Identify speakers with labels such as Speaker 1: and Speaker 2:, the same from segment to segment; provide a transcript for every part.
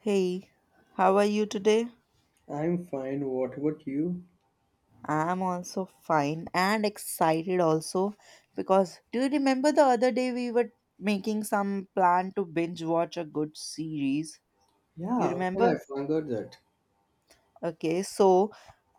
Speaker 1: Hey, how are you today?
Speaker 2: I'm fine. What about you?
Speaker 1: I'm also fine and excited also because do you remember the other day we were making some plan to binge watch a good series?
Speaker 2: Yeah,
Speaker 1: You
Speaker 2: how can
Speaker 1: remember?
Speaker 2: I forget that?
Speaker 1: Okay, so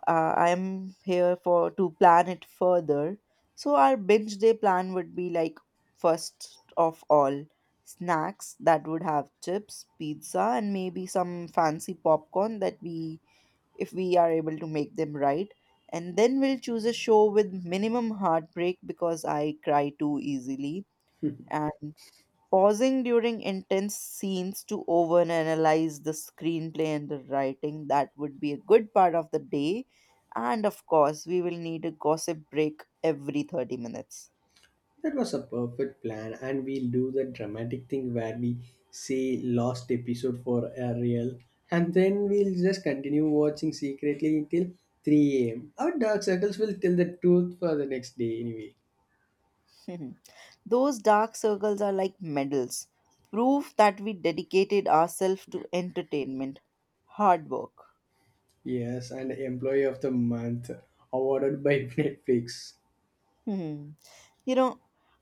Speaker 1: I'm here for to plan it further. So our binge day plan would be like first of all snacks that would have chips, pizza and maybe some fancy popcorn that we if we are able to make them right. And then we'll choose a show with minimum heartbreak because I cry too easily. And pausing during intense scenes to overanalyze the screenplay and the writing, that would be a good part of the day. And of course, we will need a gossip break every 30 minutes.
Speaker 2: That was a perfect plan, and we'll do the dramatic thing where we say last episode for a real, and then we'll just continue watching secretly until 3 a.m. Our dark circles will tell the truth for the next day, anyway.
Speaker 1: Those dark circles are like medals, proof that we dedicated ourselves to entertainment, hard work.
Speaker 2: Yes, and Employee of the Month awarded by Netflix.
Speaker 1: You know,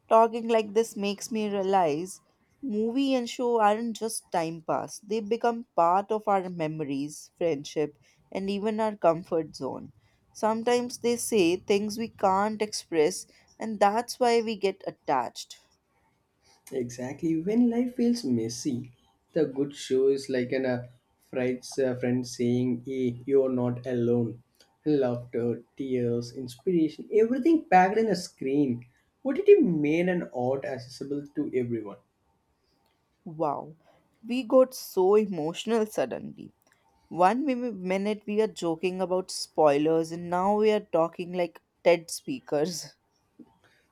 Speaker 1: Talking like this makes me realize movie and show aren't just time pass. They become part of our memories, friendship, and even our comfort zone. Sometimes they say things we can't express, and that's why we get attached.
Speaker 2: Exactly. When life feels messy, the good show is like a friend's friend saying, hey, you're not alone. Laughter, tears, inspiration, everything packed in a screen. What OTT made an art accessible to everyone.
Speaker 1: Wow, we got so emotional suddenly. One minute we are joking about spoilers, and now we are talking like TED speakers.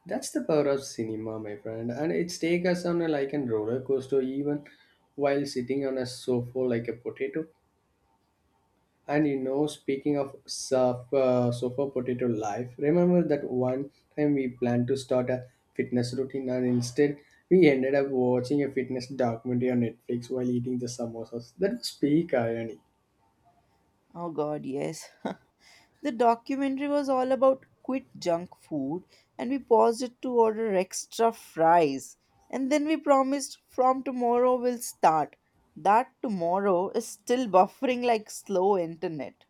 Speaker 2: That's the power of cinema, my friend. And it's take us on a like a roller coaster even while sitting on a sofa like a potato. And you know, speaking of sofa, sofa potato life, remember that one time we planned to start a fitness routine and instead we ended up watching a fitness documentary on Netflix while eating the samosas. That was peak irony.
Speaker 1: Oh god, yes. The documentary was all about quit junk food, and we paused it to order extra fries. And then we promised from tomorrow we'll start. That tomorrow is still buffering like slow internet.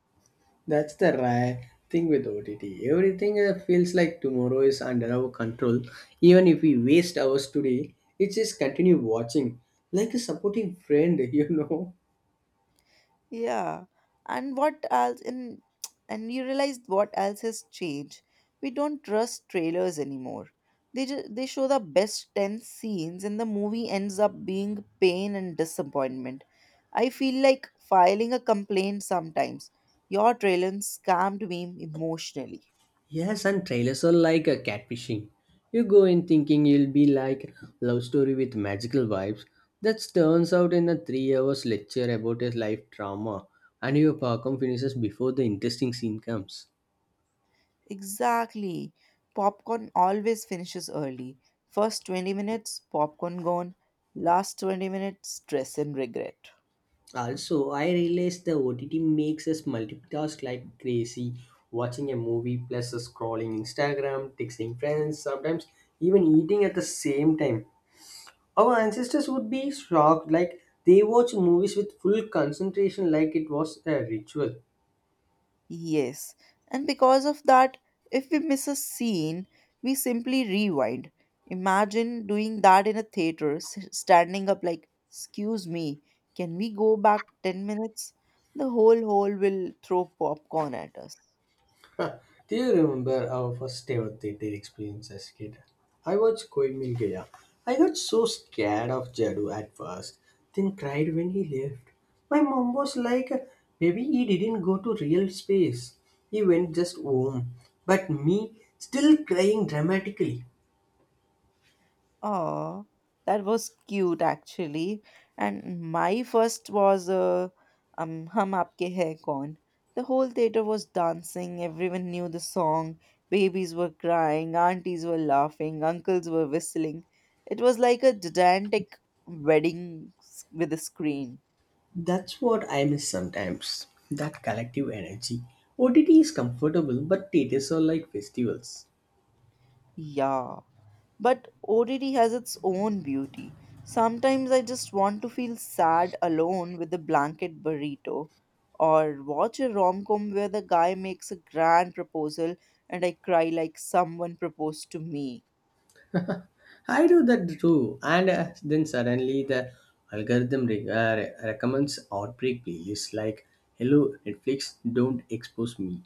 Speaker 2: That's the rare thing with OTT. Everything feels like tomorrow is under our control. Even if we waste hours today, it just continue watching like a supporting friend, you know.
Speaker 1: Yeah. And what else in and you realize what else has changed. We don't trust trailers anymore. They just, they show the best 10 scenes and the movie ends up being pain and disappointment. I feel like filing a complaint sometimes. Your trailer scammed me emotionally.
Speaker 2: Yes, and trailers are like a catfishing. You go in thinking you'll be like love story with magical vibes. That turns out in a 3 hours lecture about his life drama, and your parcom finishes before the interesting scene comes.
Speaker 1: Exactly. Popcorn always finishes early. First 20 minutes, popcorn gone. Last 20 minutes, stress and regret.
Speaker 2: Also, I realized the OTT makes us multitask like crazy, watching a movie plus scrolling Instagram, texting friends, sometimes even eating at the same time. Our ancestors would be shocked, like they watch movies with full concentration, like it was a ritual.
Speaker 1: Yes, and because of that, if we miss a scene, we simply rewind. Imagine doing that in a theater, standing up like, excuse me, can we go back 10 minutes? The whole hall will throw popcorn at us.
Speaker 2: Do you remember our first ever theater experience as a kid? I watched Koi Mil Gaya. I got so scared of Jadoo at first, then cried when he left. My mom was like, maybe he didn't go to real space. He went just home. But me, still crying dramatically.
Speaker 1: Oh, that was cute actually. And my first was Hum Aapke Hai Kaun. The whole theater was dancing, everyone knew the song, babies were crying, aunties were laughing, uncles were whistling. It was like a gigantic wedding with a screen.
Speaker 2: That's what I miss sometimes. That collective energy. OTT is comfortable, but theaters are like festivals.
Speaker 1: Yeah. But ODD has its own beauty. Sometimes I just want to feel sad alone with a blanket burrito, or watch a rom com where the guy makes a grand proposal and I cry like someone proposed to me.
Speaker 2: I do that too, and then suddenly the algorithm recommends outbreak playlists like "Hello Netflix, don't expose me."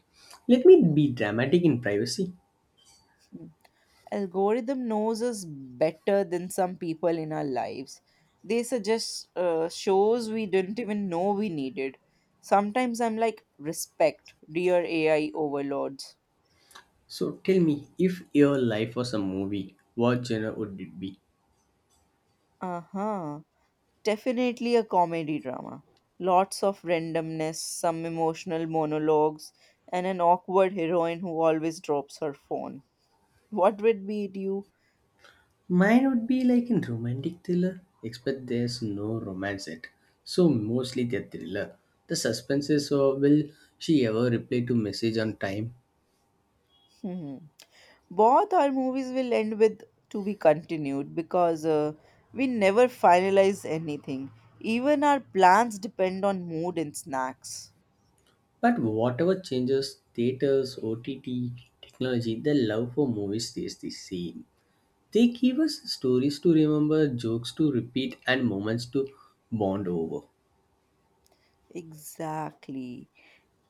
Speaker 2: Let me be dramatic in privacy.
Speaker 1: Algorithm knows us better than some people in our lives. They suggest shows we didn't even know we needed. Sometimes I'm like, respect, dear AI overlords.
Speaker 2: So tell me, if your life was a movie, what genre would it be?
Speaker 1: Uh huh. Definitely a comedy drama. Lots of randomness, some emotional monologues, and an awkward heroine who always drops her phone. What would be it you?
Speaker 2: Mine would be like in romantic thriller, except there's no romance yet. So mostly the thriller. The suspense is so will she ever reply to message on time?
Speaker 1: Hmm. Both our movies will end with to be continued because we never finalize anything. Even our plans depend on mood and snacks.
Speaker 2: But whatever changes, theaters, OTT, technology, the love for movies stays the same. They give us stories to remember, jokes to repeat, and moments to bond over.
Speaker 1: Exactly.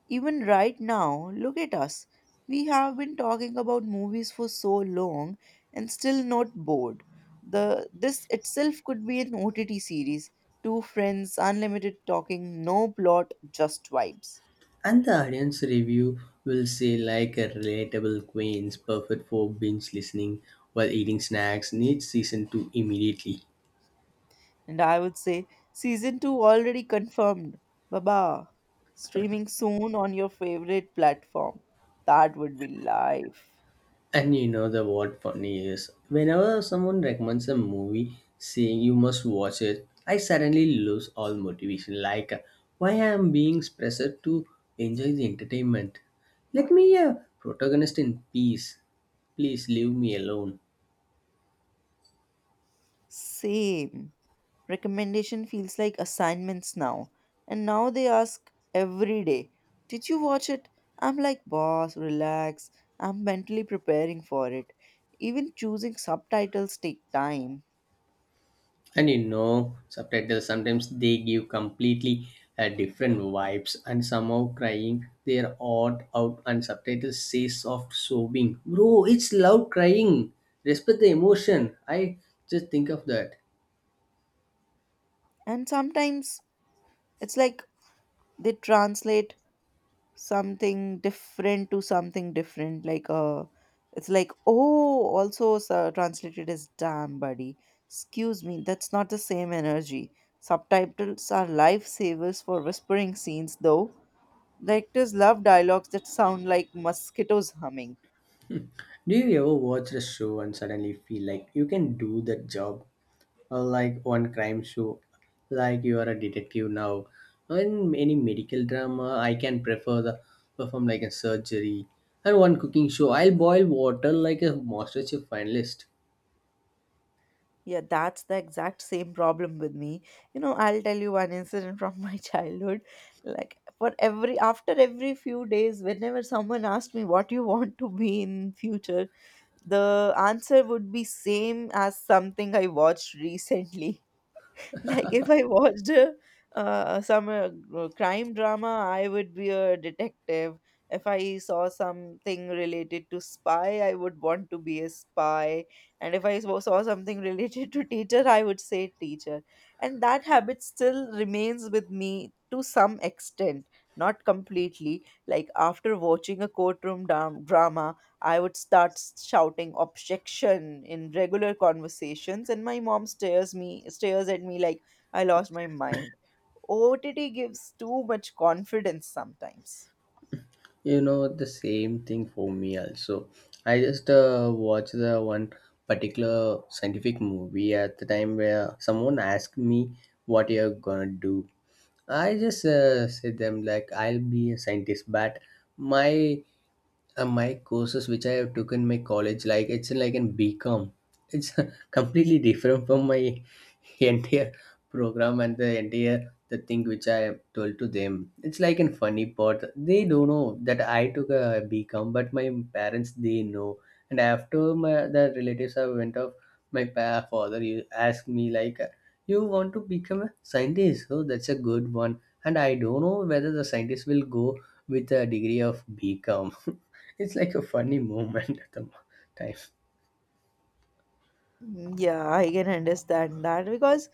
Speaker 1: Even right now, look at us. We have been talking about movies for so long and still not bored. The this itself could be an OTT series. Two friends, unlimited talking, no plot, just vibes.
Speaker 2: And the audience review will say like a relatable queens, perfect for binge listening while eating snacks, needs season 2 immediately.
Speaker 1: And I would say season 2 already confirmed. Baba, streaming soon on your favorite platform. That would be life.
Speaker 2: And you know the what funny is, whenever someone recommends a movie saying you must watch it, I suddenly lose all motivation like why I am being pressured to enjoy the entertainment. Let me a protagonist in peace. Please leave me alone.
Speaker 1: Same. Recommendation feels like assignments now. And now they ask every day, did you watch it? I'm like, boss, relax. I'm mentally preparing for it. Even choosing subtitles take time.
Speaker 2: And you know subtitles sometimes they give completely different vibes and somehow crying their odd out and subtitles say soft sobbing, bro, it's loud crying, respect the emotion. I just think of that.
Speaker 1: And sometimes it's like they translate something different to something different like it's like oh also translated as damn buddy, excuse me, that's not the same energy. Subtitles are lifesavers for whispering scenes though. Directors love dialogues that sound like mosquitoes humming.
Speaker 2: Do you ever watch a show and suddenly feel like you can do that job? Or like one crime show, like you are a detective now. In any medical drama, I can prefer the perform like a surgery. And one cooking show, I'll boil water like a master chef finalist.
Speaker 1: Yeah, that's the exact same problem with me. I'll tell you one incident from my childhood. Like for every after every few days, whenever someone asked me what you want to be in future, the answer would be same as something I watched recently. Like if I watched a crime drama, I would be a detective. If I saw something related to spy, I would want to be a spy. And if I saw something related to teacher, I would say teacher. And that habit still remains with me to some extent, not completely. Like after watching a courtroom drama, I would start shouting objection in regular conversations, and my mom stares at me like I lost my mind. OTT gives too much confidence sometimes.
Speaker 2: You know, the same thing for me also. I just watch the one particular scientific movie at the time where someone asked me what you're gonna do. I just said them like I'll be a scientist, but my my courses which I have taken, in my college, like it's like in BCom, it's completely different from my entire program and the entire the thing which I have told to them. It's like in funny part. They don't know that I took a BCom, but my parents they know. And after my the relatives I went off, my father he asked me like, "You want to become a scientist? Oh, that's a good one." And I don't know whether the scientist will go with a degree of BCom. It's like a funny moment at the time.
Speaker 1: Mm, yeah, I can understand that because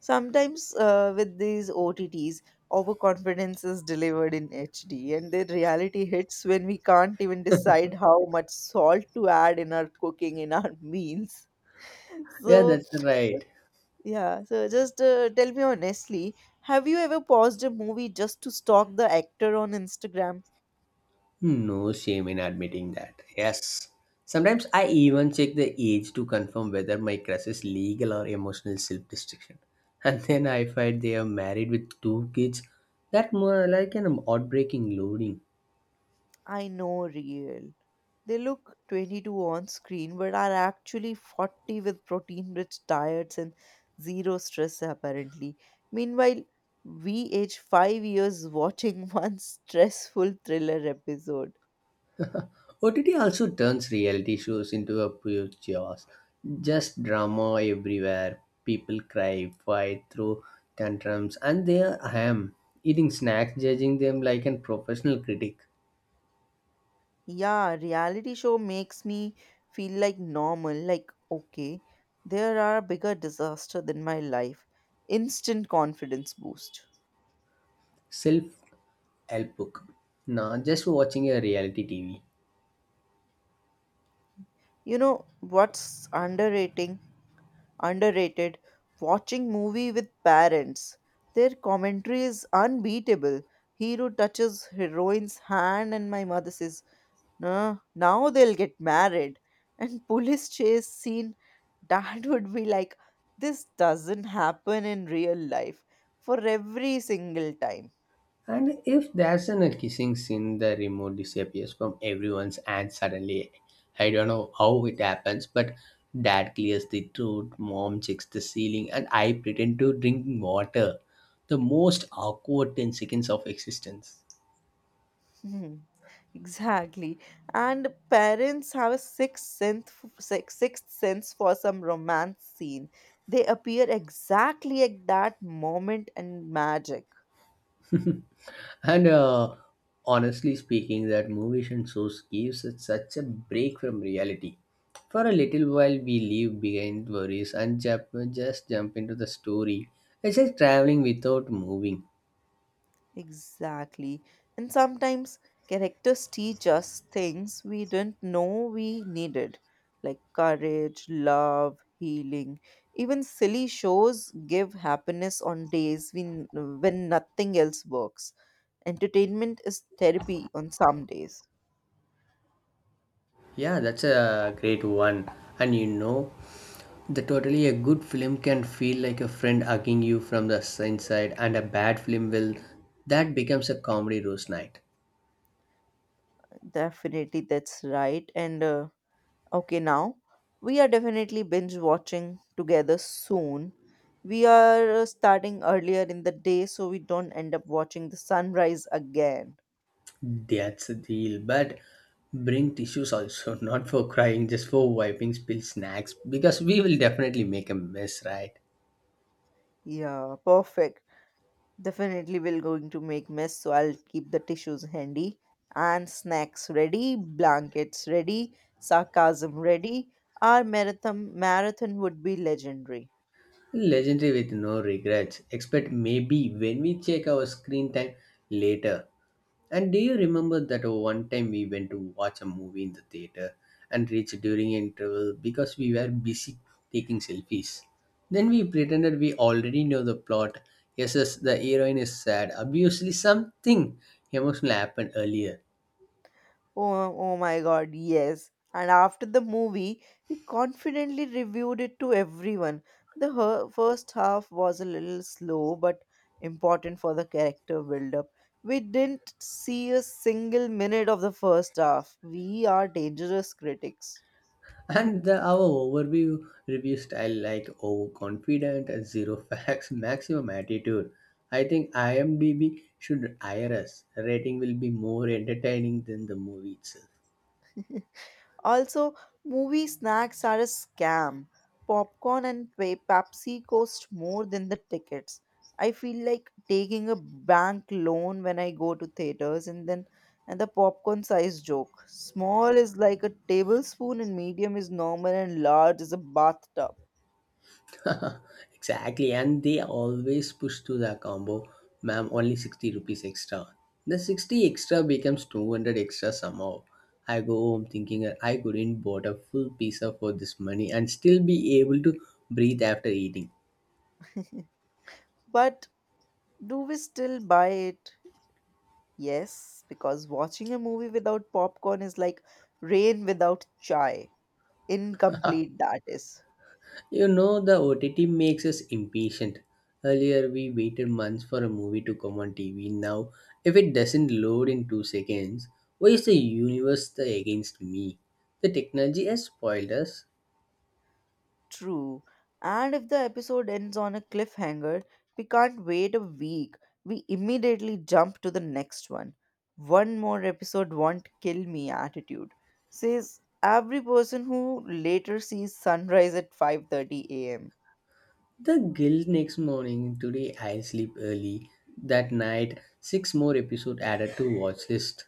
Speaker 1: sometimes with these OTTs, overconfidence is delivered in HD, and then reality hits when we can't even decide how much salt to add in our meals.
Speaker 2: Yeah,
Speaker 1: So
Speaker 2: that's right.
Speaker 1: yeah, so just tell me honestly, have you ever paused a movie just to stalk the actor on Instagram?
Speaker 2: No shame in admitting that. Yes. Sometimes I even check the age to confirm whether my crush is legal or emotional self destruction. And then I find they are married with two kids. That more like an heartbreaking loading.
Speaker 1: I know, real. They look 22 on screen but are actually 40 with protein rich diets and zero stress, apparently. Meanwhile, we age 5 years watching one stressful thriller episode.
Speaker 2: OTT also turns reality shows into a pure chaos. Just drama everywhere. People cry, fight, throw tantrums, and there I am, eating snacks, judging them like a professional critic.
Speaker 1: Yeah, reality show makes me feel like normal, like okay, there are bigger disaster than my life. Instant confidence boost.
Speaker 2: Self help book. Nah, just watching a reality TV.
Speaker 1: You know what's underrating underrated? Watching movie with parents. Their commentary is unbeatable. Hero touches heroine's hand and my mother says no, now they'll get married. And police chase scene, dad would be like, this doesn't happen in real life for every single time.
Speaker 2: And if there's an a kissing scene, the remote disappears from everyone's hand suddenly. I don't know how it happens, but dad clears the throat, mom checks the ceiling, and I pretend to drink water. The most awkward 10 seconds of existence.
Speaker 1: Hmm, exactly. And parents have a sixth sense, sixth sense for some romance scene. They appear exactly at that moment and magic.
Speaker 2: And honestly speaking, that movies and shows gives us such a break from reality. For a little while, we leave behind worries and just jump into the story. It's like traveling without moving.
Speaker 1: Exactly. And sometimes characters teach us things we didn't know we needed, like courage, love, healing. Even silly shows give happiness on days when nothing else works. Entertainment is therapy on some days.
Speaker 2: Yeah, that's a great one. And you know, the totally a good film can feel like a friend hugging you from the inside, and a bad film will that becomes a comedy roast night.
Speaker 1: Definitely, that's right. And Okay, now we are definitely binge watching together soon. We are starting earlier in the day so we don't end up watching the sunrise again.
Speaker 2: That's a deal. But bring tissues also, not for crying, just for wiping spilled snacks, because we will definitely make a mess, right?
Speaker 1: Yeah, perfect. Definitely we're going to make mess, so I'll keep the tissues handy and snacks ready, blankets ready, sarcasm ready. Our marathon would be legendary.
Speaker 2: Legendary with no regrets, except maybe when we check our screen time later. And do you remember that one time we went to watch a movie in the theater and reached during interval because we were busy taking selfies? Then we pretended we already know the plot. Yes, yes, the heroine is sad. Obviously, something emotional happened earlier.
Speaker 1: Oh, oh my god, yes. And after the movie, we confidently reviewed it to everyone. The first half was a little slow but important for the character build up. We didn't see a single minute of the first half. We are dangerous critics.
Speaker 2: And the, our overview review style like overconfident, and zero facts, maximum attitude. I think IMDb should hire us. Rating will be more entertaining than the movie itself.
Speaker 1: Also, movie snacks are a scam. Popcorn and Pepsi cost more than the tickets. I feel like taking a bank loan when I go to theaters and then and the popcorn size joke. Small is like a tablespoon and medium is normal and large is a bathtub.
Speaker 2: Exactly, and they always push to the combo, ma'am. Only 60 rupees extra. The 60 extra becomes 200 extra somehow. I go home thinking I couldn't bought a full pizza for this money and still be able to breathe after eating.
Speaker 1: But do we still buy it? Yes, because watching a movie without popcorn is like rain without chai. Incomplete that is.
Speaker 2: You know, the OTT makes us impatient. Earlier, we waited months for a movie to come on TV. Now, if it doesn't load in 2 seconds, why is the universe the against me? The technology has spoiled us.
Speaker 1: True. And if the episode ends on a cliffhanger, we can't wait a week. We immediately jump to the next one. One more episode won't kill me attitude says every person who later sees sunrise at 5:30 a.m.
Speaker 2: The guilt next morning. Today, I'll sleep early. That night, six more episode added to watch list.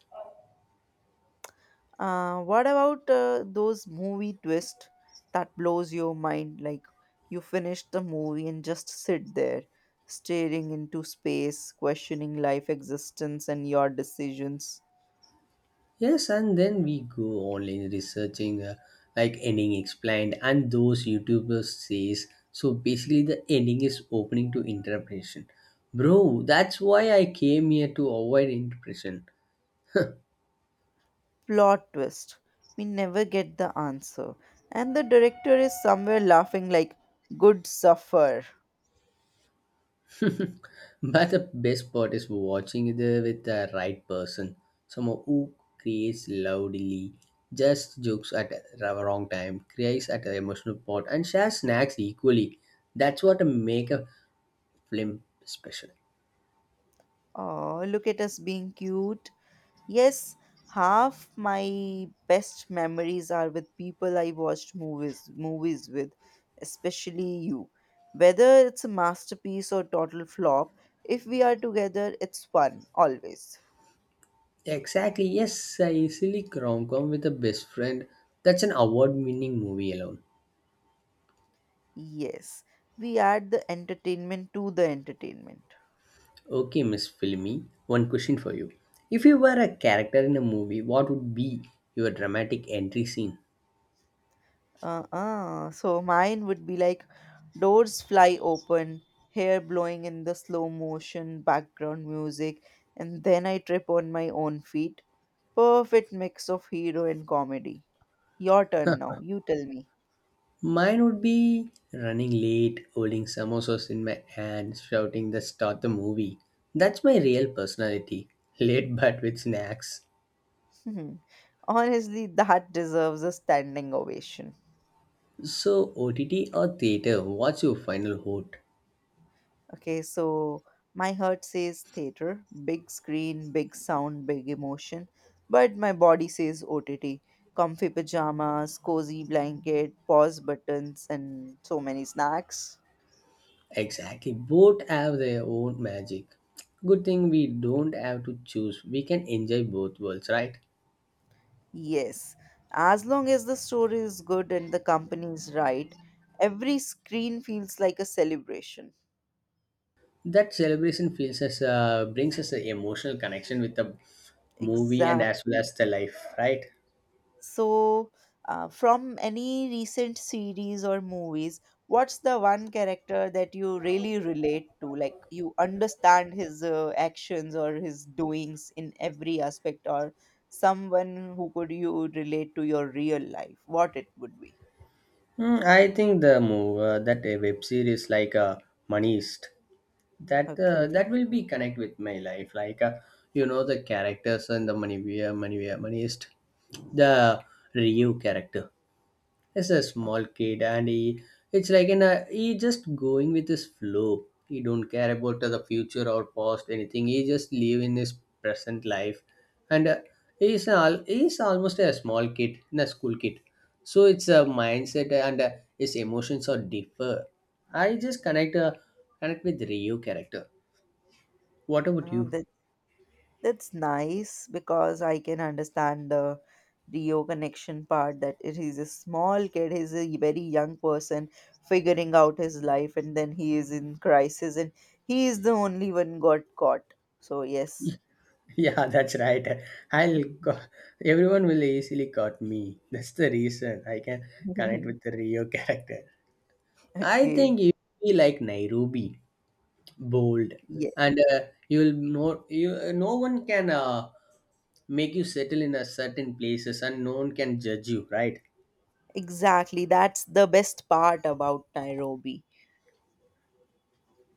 Speaker 1: What about those movie twist that blows your mind like you finish the movie and just sit there staring into space questioning life existence and your decisions.
Speaker 2: Yes, and then we go online researching, like ending explained, and those YouTubers says. So basically, the ending is opening to interpretation, bro. That's why I came here to avoid interpretation.
Speaker 1: Plot twist. We never get the answer. And the director is somewhere laughing like, good suffer.
Speaker 2: But the best part is watching it with the right person, someone who creates loudly, just jokes at the wrong time, cries at the emotional part, and shares snacks equally. That's what make a film special.
Speaker 1: Oh, look at us being cute. Yes, half my best memories are with people I watched movies with, especially you. Whether it's a masterpiece or total flop, if we are together, it's fun always.
Speaker 2: Exactly, yes, a silly rom com with a best friend. That's an award winning movie alone.
Speaker 1: Yes, we add the entertainment to the entertainment.
Speaker 2: Okay, Miss Filmy, one question for you. If you were a character in a movie, what would be your dramatic entry scene?
Speaker 1: Uh-uh. So mine would be like doors fly open, hair blowing in the slow motion, background music, and then I trip on my own feet. Perfect mix of hero and comedy. Your turn now. You tell me.
Speaker 2: Mine would be running late, holding samosas in my hand, shouting the start the movie. That's my real personality. Late but with snacks.
Speaker 1: Honestly, that deserves a standing ovation.
Speaker 2: So, OTT or theater, what's your final vote?
Speaker 1: Okay, so my heart says theater, big screen, big sound, big emotion, but my body says OTT, comfy pajamas, cozy blanket, pause buttons, and so many snacks.
Speaker 2: Exactly. Both have their own magic. Good thing we don't have to choose. We can enjoy both worlds, right?
Speaker 1: Yes, as long as the story is good and the company is right, every screen feels like a celebration.
Speaker 2: That celebration feels us, brings us an emotional connection with the movie and as well
Speaker 1: Exactly.
Speaker 2: as the life, right?
Speaker 1: So, from any recent series or movies, what's the one character that you really relate to? Like you understand his actions or his doings in every aspect, or someone who could you relate to your real life? What it would be?
Speaker 2: Hmm, I think the move that a web series like moneyist that
Speaker 1: Okay,
Speaker 2: that will be connect with my life. Like you know the characters and the moneyist, the Ryu character. He's a
Speaker 1: okay.
Speaker 2: small kid, and he it's like in a he just going with his flow. He don't care about the future or past anything. He just live in his present life, and he's almost a small kid, in a school kid. So it's a mindset, and his emotions are differ. I just connect with Ryu character. What about
Speaker 1: Uh,
Speaker 2: you?
Speaker 1: that that's nice because I can understand the Rio connection part that it, he's a small kid, he's a very young person figuring out his life, and then he is in crisis, and he is the only one got caught. So, yes.
Speaker 2: Yeah, that's right. I'll co- everyone will easily cut me. That's the reason I can connect with the Rio character. I
Speaker 1: Okay.
Speaker 2: think you be like Nairobi, bold,
Speaker 1: Yeah,
Speaker 2: and you'll you no one can make you settle in a certain places, and no one can judge you, right?
Speaker 1: exactly. That's the best part about Nairobi.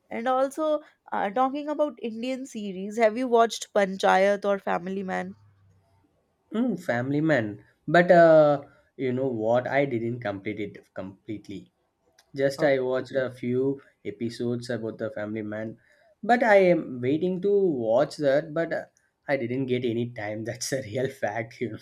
Speaker 1: And also, talking about Indian series, have you watched Panchayat or Family Man?
Speaker 2: Mm, family man, but you know what? I didn't complete it completely. Just I watched
Speaker 1: Okay.
Speaker 2: a few episodes about the Family Man, but I am waiting to watch that, but I didn't get any time. That's a real fact.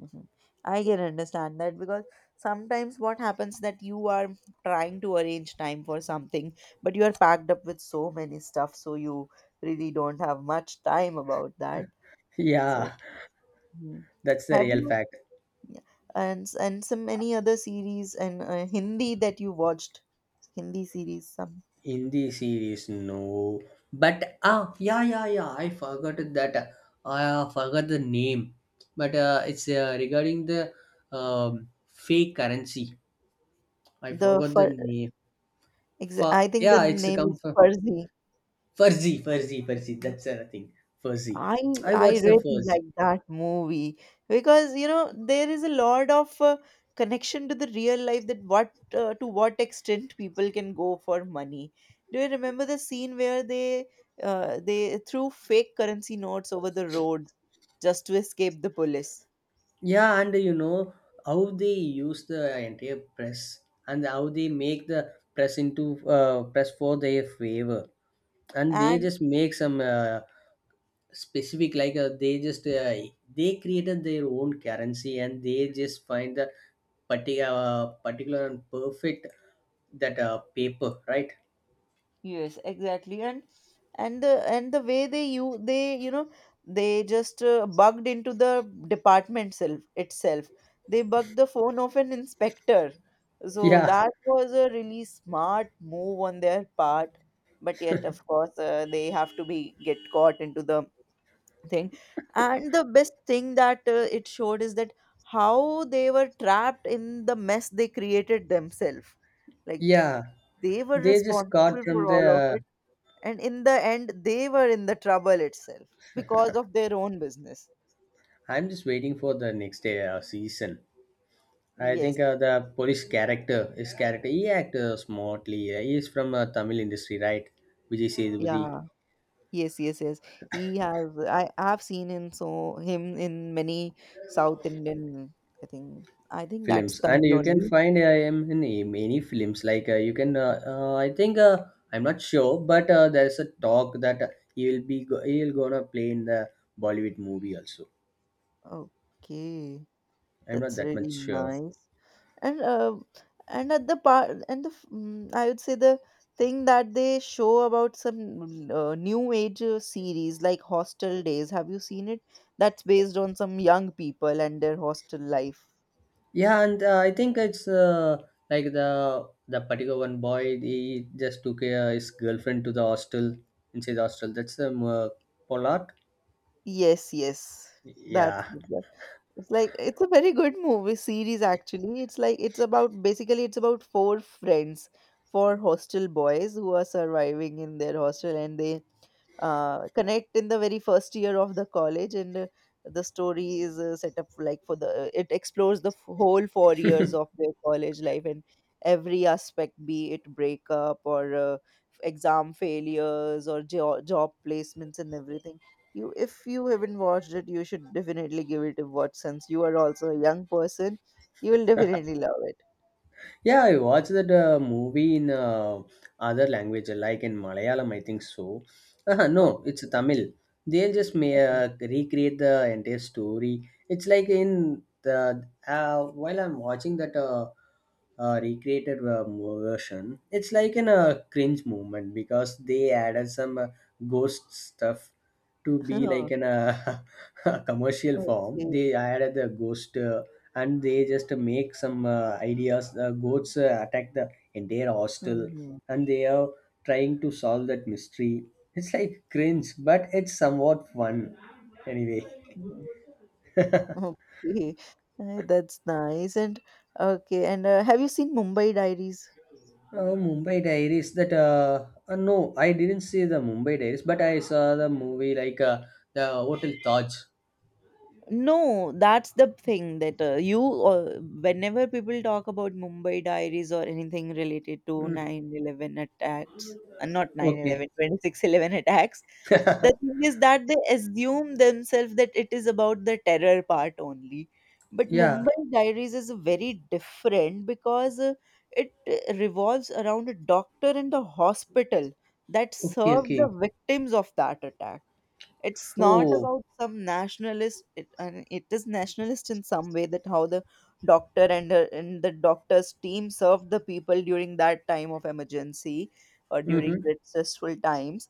Speaker 1: Mhm. I can understand that because sometimes what happens that you are trying to arrange time for something, but you are packed up with so many stuff, so you really don't have much time about that. So,
Speaker 2: Yeah,
Speaker 1: mhm.
Speaker 2: that's the
Speaker 1: Have
Speaker 2: real
Speaker 1: you
Speaker 2: fact.
Speaker 1: yeah, and some any other series and Hindi that you watched? Hindi series, some
Speaker 2: Hindi series, no. Yeah, yeah, yeah, I forgot that. I forgot the name. But it's regarding the fake currency. I
Speaker 1: the
Speaker 2: forgot the
Speaker 1: for
Speaker 2: name.
Speaker 1: I think the
Speaker 2: Yeah, it's
Speaker 1: name is
Speaker 2: come from
Speaker 1: Farzi.
Speaker 2: Fuzzy, Fuzzy, Fuzzy. That's the thing. Fuzzy.
Speaker 1: I
Speaker 2: I
Speaker 1: I
Speaker 2: watched the
Speaker 1: really
Speaker 2: Fuzzy.
Speaker 1: like that movie because you know there is a lot of connection to the real life that what to what extent people can go for money. Do you remember the scene where they threw fake currency notes over the road just to escape the police?
Speaker 2: Yeah, and you know how they use the entire press and how they make the press into press for their favor and they
Speaker 1: And?
Speaker 2: just make some specific like they just they created their own currency and they just find the particular and perfect that paper, right?
Speaker 1: Yes, exactly, and the way they you know they just bugged into the department self itself. They bugged the phone of an inspector, so
Speaker 2: Yeah,
Speaker 1: that was a really smart move on their part. But yet, of course, they have to be get caught into the thing. And the best thing that it showed is that how they were trapped in the mess they created themselves. Like
Speaker 2: yeah,
Speaker 1: they were
Speaker 2: they just got
Speaker 1: responsible
Speaker 2: from
Speaker 1: for all of
Speaker 2: the
Speaker 1: it, and in the end they were in the trouble itself because of their own business.
Speaker 2: I'm just waiting for the next season. I think
Speaker 1: Yes.
Speaker 2: the police character, his character, he acted smartly. He is from Tamil industry, right? Vijay Sethupathi
Speaker 1: Yeah. Yes, yes, yes. He has I have seen him so him in many South Indian, I think that's
Speaker 2: films, and
Speaker 1: Tamil
Speaker 2: you can
Speaker 1: only.
Speaker 2: find AIM in many films. Like you can I think I'm not sure, but there's a talk that he'll gonna play in the Bollywood movie also.
Speaker 1: Okay.
Speaker 2: I'm not
Speaker 1: That's
Speaker 2: that much
Speaker 1: really
Speaker 2: sure.
Speaker 1: nice. And and at the part and the I would say the thing that they show about some new age series like Hostel Days, have you seen it? That's based on some young people and their hostel life.
Speaker 2: Yeah, and I think it's like the particular one boy, he just took his girlfriend to the hostel, inside the hostel. That's the Pollard.
Speaker 1: Yes, yes, that's
Speaker 2: Yeah.
Speaker 1: the- it's like it's a very good movie series actually. It's like it's about basically it's about four friends, four hostel boys who are surviving in their hostel, and they connect in the very first year of the college, and the story is set up like for the it explores the whole 4 years of their college life, and every aspect, be it breakup or exam failures or job placements and everything. You if you haven't watched it, you should definitely give it a watch since you are also a young person. You will definitely love it.
Speaker 2: Yeah, I watched that movie in other language, like in Malayalam, I think so.
Speaker 1: Okay.
Speaker 2: No, it's Tamil. They just may
Speaker 1: Okay.
Speaker 2: recreate the entire story. It's like in the while I'm watching that recreated version, it's like in a cringe moment because they added some ghost stuff to be like
Speaker 1: oh,
Speaker 2: in a, a commercial form.
Speaker 1: okay.
Speaker 2: They added the ghost. And they just make some ideas the goats attack the entire hostel,
Speaker 1: Mhm.
Speaker 2: and they are trying to solve that mystery. It's like cringe, but it's somewhat fun anyway.
Speaker 1: Mhm. Okay. That's nice. And okay, and have you seen Mumbai Diaries?
Speaker 2: Mumbai diaries, that no, I didn't see the Mumbai diaries, but I saw the movie, like the hotel Taj.
Speaker 1: No, that's the thing that you, whenever people talk about Mumbai Diaries or anything related to
Speaker 2: Mm,
Speaker 1: 9/11 attacks, not nine
Speaker 2: okay.
Speaker 1: eleven twenty six eleven attacks, the thing is that they assume themselves that it is about the terror part only. But
Speaker 2: Yeah.
Speaker 1: Mumbai Diaries is very different because it revolves around a doctor and the hospital that
Speaker 2: Okay,
Speaker 1: served the
Speaker 2: okay.
Speaker 1: victims of that attack. It's not
Speaker 2: Oh.
Speaker 1: about some nationalist. It and it is nationalist in some way that how the doctor and the doctor's team served the people during that time of emergency or during
Speaker 2: Mm-hmm.
Speaker 1: the stressful times.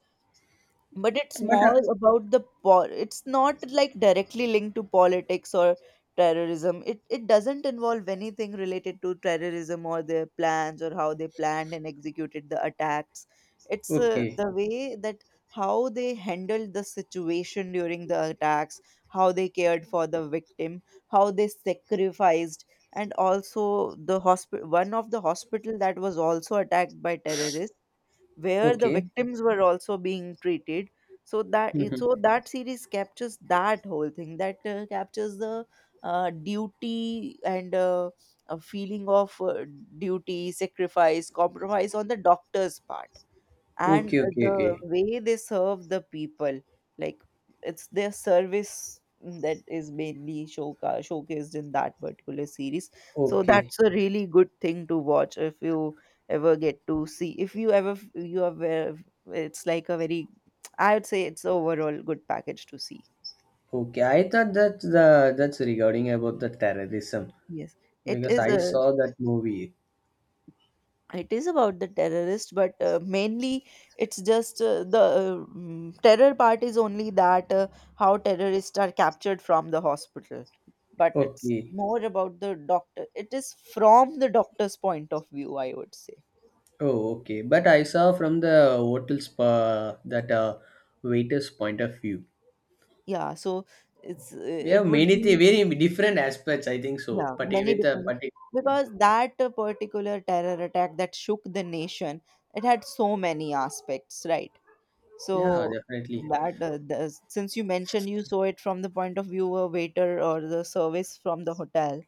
Speaker 1: But it's
Speaker 2: But
Speaker 1: more about the it's not like directly linked to politics or terrorism. It doesn't involve anything related to terrorism or their plans or how they planned and executed the attacks. It's
Speaker 2: okay,
Speaker 1: the way that how they handled the situation during the attacks, how they cared for the victim, how they sacrificed, and also the hospital, one of the hospital that was also attacked by terrorists, where the
Speaker 2: okay.
Speaker 1: victims were also being treated. So that
Speaker 2: Mm-hmm.
Speaker 1: so that series captures that whole thing that captures the duty and a feeling of duty, sacrifice, compromise on the doctor's part and
Speaker 2: Okay, okay, okay.
Speaker 1: the way they serve the people. Like it's their service that is mainly showcased in that particular series. So
Speaker 2: Okay,
Speaker 1: that's a really good thing to watch if you ever get to see, if you ever you are aware. It's like a very, I would say it's overall good package to see.
Speaker 2: Okay, I thought that the that's regarding about the terrorism,
Speaker 1: Yes, it
Speaker 2: because
Speaker 1: is
Speaker 2: I
Speaker 1: a,
Speaker 2: saw that movie.
Speaker 1: it is about the terrorist, but mainly it's just the terror part is only that how terrorists are captured from the hospital, but it's
Speaker 2: Okay,
Speaker 1: more about the doctor. It is from the doctor's point of view, I would say.
Speaker 2: oh okay, but I saw from the hotel's that waiter's point of view.
Speaker 1: Yeah, so it's
Speaker 2: We have
Speaker 1: it would
Speaker 2: many
Speaker 1: be,
Speaker 2: very different aspects, I think so,
Speaker 1: yeah,
Speaker 2: but
Speaker 1: many
Speaker 2: with a
Speaker 1: different
Speaker 2: particular
Speaker 1: because that particular terror attack that shook the nation, it had so many aspects, right? So
Speaker 2: yeah, definitely.
Speaker 1: that the, since you mentioned you saw it from the point of view of waiter or the service from the hotel,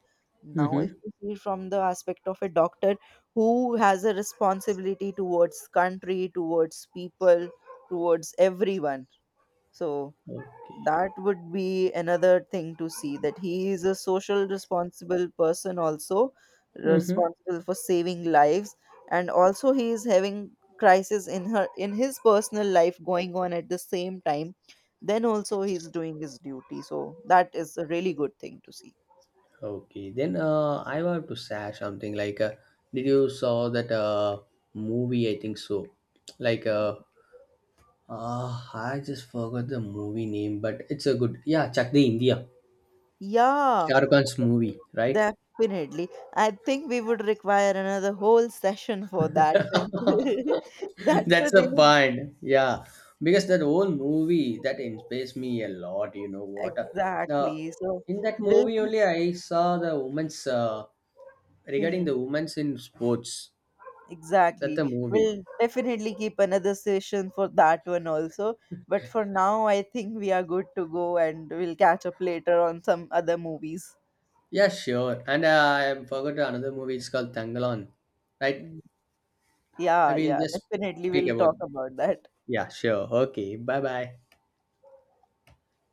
Speaker 1: now if
Speaker 2: Mm-hmm.
Speaker 1: you see from the aspect of a doctor who has a responsibility towards country, towards people, towards everyone. So
Speaker 2: Okay.
Speaker 1: that would be another thing to see, that he is a social responsible person also,
Speaker 2: Mm-hmm.
Speaker 1: responsible for saving lives, and also he is having crisis in her in his personal life going on at the same time, then also he's doing his duty. So that is a really good thing to see.
Speaker 2: Okay, then I want to say something like, did you saw that movie? I think so. Like I just forgot the movie name, but it's a good. Yeah, Chak De India.
Speaker 1: Yeah.
Speaker 2: Shah Rukh Khan's movie, right?
Speaker 1: Definitely. I think we would require another whole session for that. Since that's
Speaker 2: That's
Speaker 1: a
Speaker 2: the
Speaker 1: really
Speaker 2: point. Yeah, because that whole movie that inspires me a lot. You know what? The
Speaker 1: exactly. So
Speaker 2: in that
Speaker 1: we'll
Speaker 2: movie only I saw the women's regarding
Speaker 1: hmm
Speaker 2: the women's in sports. That's the
Speaker 1: exactly.
Speaker 2: movie.
Speaker 1: We'll definitely keep another session for that one also. But for now, I think we are good to go and we'll catch up later on some other movies.
Speaker 2: Yeah, sure. And I forgot another movie. It's called Tangalan, right?
Speaker 1: Mm,
Speaker 2: I
Speaker 1: yeah,
Speaker 2: will
Speaker 1: yeah,
Speaker 2: just
Speaker 1: definitely
Speaker 2: speak
Speaker 1: we'll talk
Speaker 2: about.
Speaker 1: about that.
Speaker 2: Yeah, sure. Okay. Bye bye.